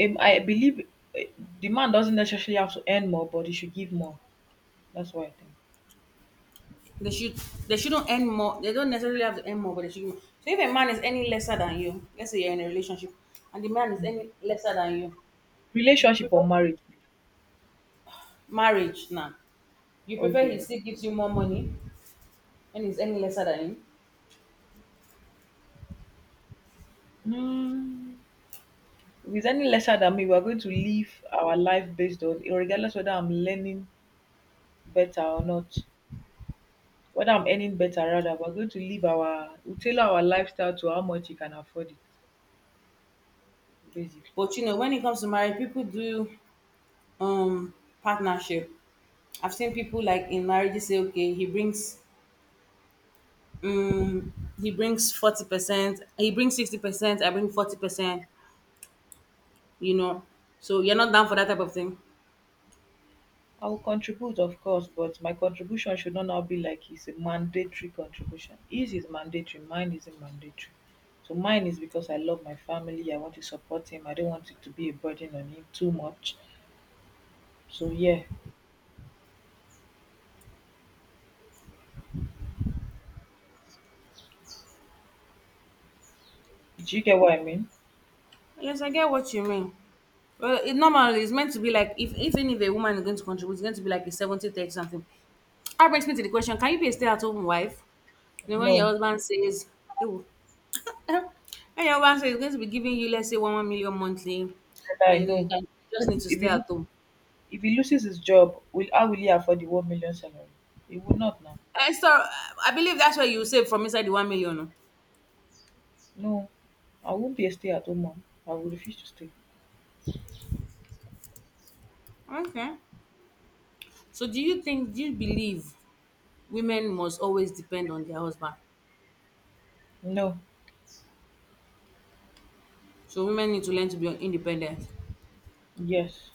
I believe, uh, the man doesn't necessarily have to earn more, but he should give more. That's what I think.
They should, they shouldn't earn more. They don't necessarily have to earn more, but they should. So if a man is any lesser than you, let's say you're in a relationship, and the man is
Mm.
any lesser than you, you
Relationship
prefer
or marriage?
marriage now. You prefer he
Okay.
still gives you more money and he's any lesser than you.
Mm. If he's any lesser than me, we're going to live our life based on, regardless whether I'm learning better or not, whether I'm earning better rather, we're going to live our, we tailor our lifestyle to how much he can afford it, basically.
But you know, when it comes to marriage, people do um partnership. I've seen people like in marriage say, okay, he brings 40%, he brings 60%, I bring 40%. You know, so you're not down for that type of thing.
I will contribute, of course, but my contribution should not now be like it's a mandatory contribution. His is mandatory, mine isn't mandatory. So mine is because I love my family, I want to support him, I don't want it to be a burden on him too much. So yeah, do you get what I mean?
Yes, I get what you mean. Well, it normally it's meant to be like if even if a woman is going to contribute, it's going to be like a 70-30 something. That brings me to the question, can you be a stay at home wife? You know, when your
No,
husband says, ew, <laughs> when your husband says he's going to be giving you, let's say, 1 million monthly,
that I
and you know, you
know.
can you just need
Versus
to stay at home.
if he loses his job, will, how will he afford the 1 million salary? He would not now.
And so I believe that's where you save from inside the 1 million.
No, I won't be a stay-at-home mom. I will refuse to stay.
Oh. Okay. So do you think, do you believe women must always depend on their husband?
No.
So women need to learn to be independent.
Yes.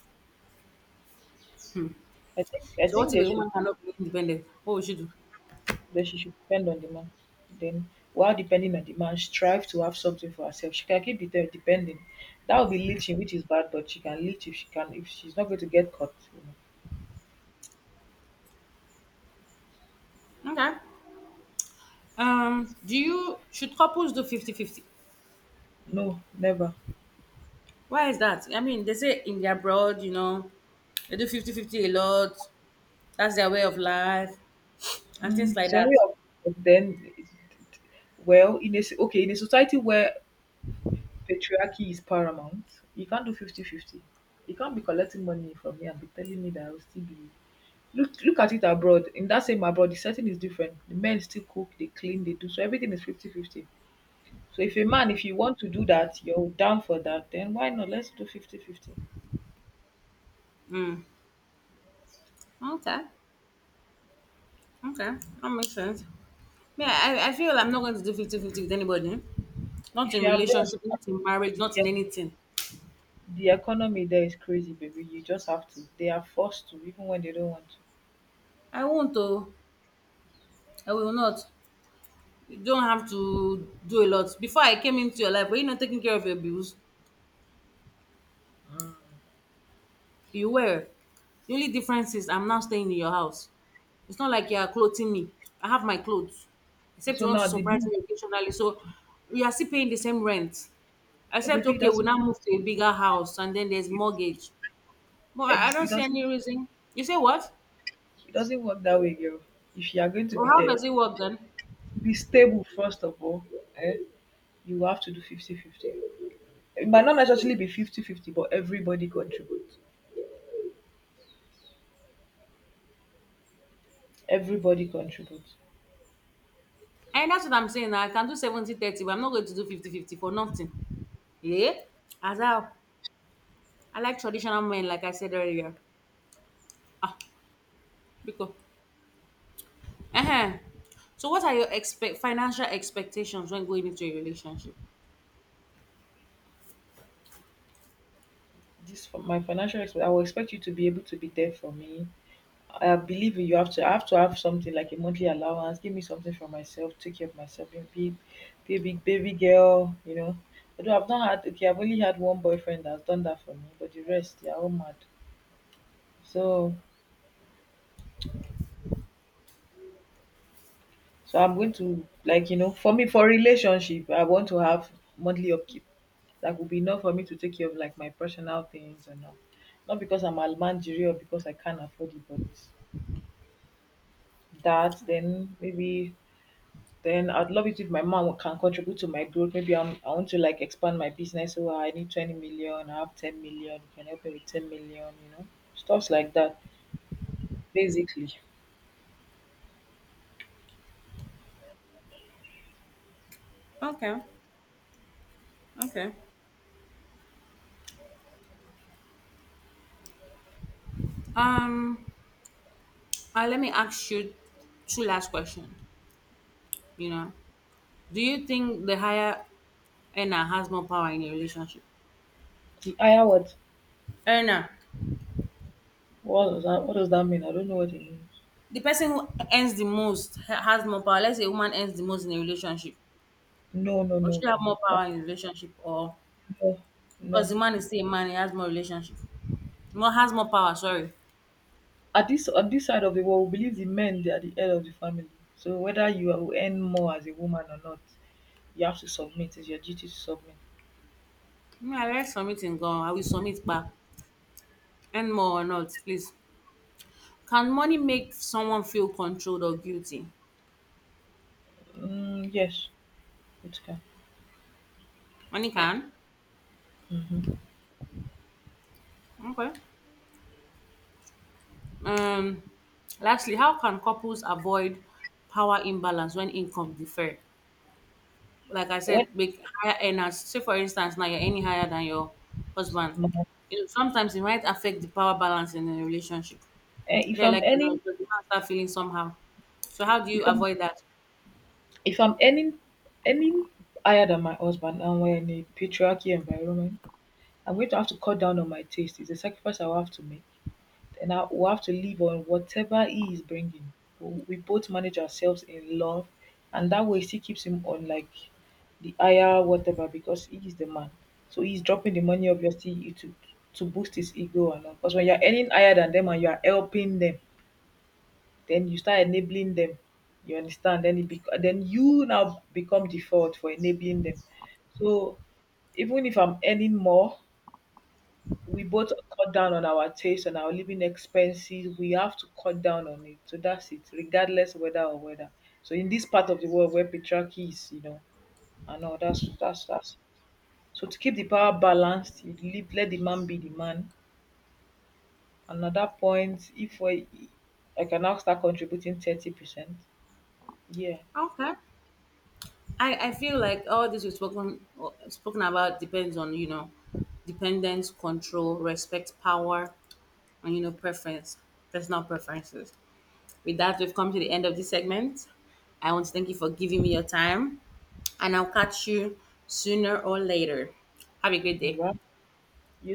I think I
So what
think
if
they
a
should,
woman cannot be independent? What will she do?
that she should depend on the man. Then, while depending on the man, strive to have something for herself. She can keep it there depending. That would be leeching, which is bad, but she can leech if she's not going to get caught. You know.
Okay. Do you, should couples do 50-50?
No, never.
Why is that? I mean, they say in the abroad, you know, they do 50-50 a lot. That's their way of life and things
Mm,
like
it's a
that.
way of then, well, okay, in a society where patriarchy is paramount. You can't do 50-50. You can't be collecting money from me and be telling me that I'll still be. Look at it abroad. In that same abroad, the setting is different. The men still cook, they clean, they do, so everything is 50-50. So if a man, if you want to do that, you're down for that, then why not? Let's do 50-50.
Mm. Okay. Okay. That makes sense. Yeah, I feel I'm not going to do 50-50 with anybody. Not
If
in
you're abroad,
relationship, not in marriage,
the,
not in anything.
the economy there is crazy, baby. You just have to. They are forced to, even when they don't want to.
I won't though. I will not. You don't have to do a lot. Before I came into your life, were you not taking care of your bills? You were. The only difference is I'm now staying in your house. It's not like you're clothing me. I have my clothes. Except
So
you want to
now, the
surprise
baby,
me occasionally. So we are still paying the same rent.
no
Except,
baby, it
okay, we
doesn't.
now move to a bigger house and then there's
It, doesn't
mortgage. But I
it
don't see any
doesn't.
reason. You say what?
It doesn't work that way, girl. If you are going to
Or
be
how
there,
does it work then?
be stable first of all, eh, you have to do 50-50. It might not necessarily be 50-50, but everybody contributes.
And that's what I'm saying. I can do 70 30, but I'm not going to do 50-50 for nothing. Yeah? As I like traditional men, like I said earlier. Ah, because uh-huh. So what are your expect financial expectations when going into a relationship?
This for my financial expert, I will expect you to be able to be there for me. I believe you have to. I have to have something like a monthly allowance, give me something for myself, take care of myself, be a big baby, baby girl, you know. Although I've not had okay I've only had one boyfriend that's done that for me, but the rest, they are all mad. So So, I'm going to like, you know, for me, for relationship, I want to have monthly upkeep. That would be enough for me to take care of like my personal things and all. Not because I'm almanjiri or because I can't afford it, but, that then, maybe then, I'd love it if my mom can contribute to my growth. Maybe I want to like expand my business. So I need 20 million, I have 10 million, you can help me with 10 million, you know, stuffs like that, basically.
Okay. Okay. Um, let me ask you two last questions. You know, do you think the higher earner has more power in a relationship?
The higher what?
Earner,
What does that mean? I don't know what it means.
the person who earns the most has more power. Let's say a woman earns the most in a relationship,
No, no,
or
no, no,
she have more
no.
power in a relationship, or
no no
because the man is still a man, he has more relationship, more has more power. Sorry,
at this On this side of the world, we believe the men dey at di head of the family, so whether you will earn more as a woman or not, you have to submit. It's your duty to submit.
me I like submitting go. I will submit back. And more or not, please. Can money make someone feel controlled or guilty?
Mm, yes, it can.
Money can.
Mm-hmm.
Okay. Um. Lastly, how can couples avoid power imbalance when income differ? Like I
When,
said, make higher earners. Say for instance, now you're any higher than your husband.
um,
You know, sometimes it might affect the power balance in a relationship.
if
They're
i'm
like, you know,
earning
the man start feeling somehow. So how do you
if i'm
avoid that?
if I'm earning earning higher than my husband and we're in a patriarchy environment, I'm going to have to cut down on my taste. It's a sacrifice I will have to make, and I will have to live on whatever he is bringing. We both manage ourselves in love, and that way, she keeps him on like the higher whatever, because he is the man. So he's dropping the money obviously to boost his ego and all. Because when you're earning higher than them and you are helping them, then you start enabling them. You understand? Then you now become the fault for enabling them. So even if I'm earning more, we both cut down on our taste and our living expenses. We have to cut down on it. So that's it, regardless whether or whether. So in this part of the world where patriarchy is, you know, I know that's so, to keep the power balanced, you leave, let the man be the man. And at that point, if we I can now start contributing 30%. Yeah.
Okay. I feel like all this we've spoken about depends on you know dependence, control, respect, power, and you know preference, personal preferences. With that, we've come to the end of this segment. I want to thank you for giving me your time, and I'll catch you sooner or later. Have a great
All
day.
right. You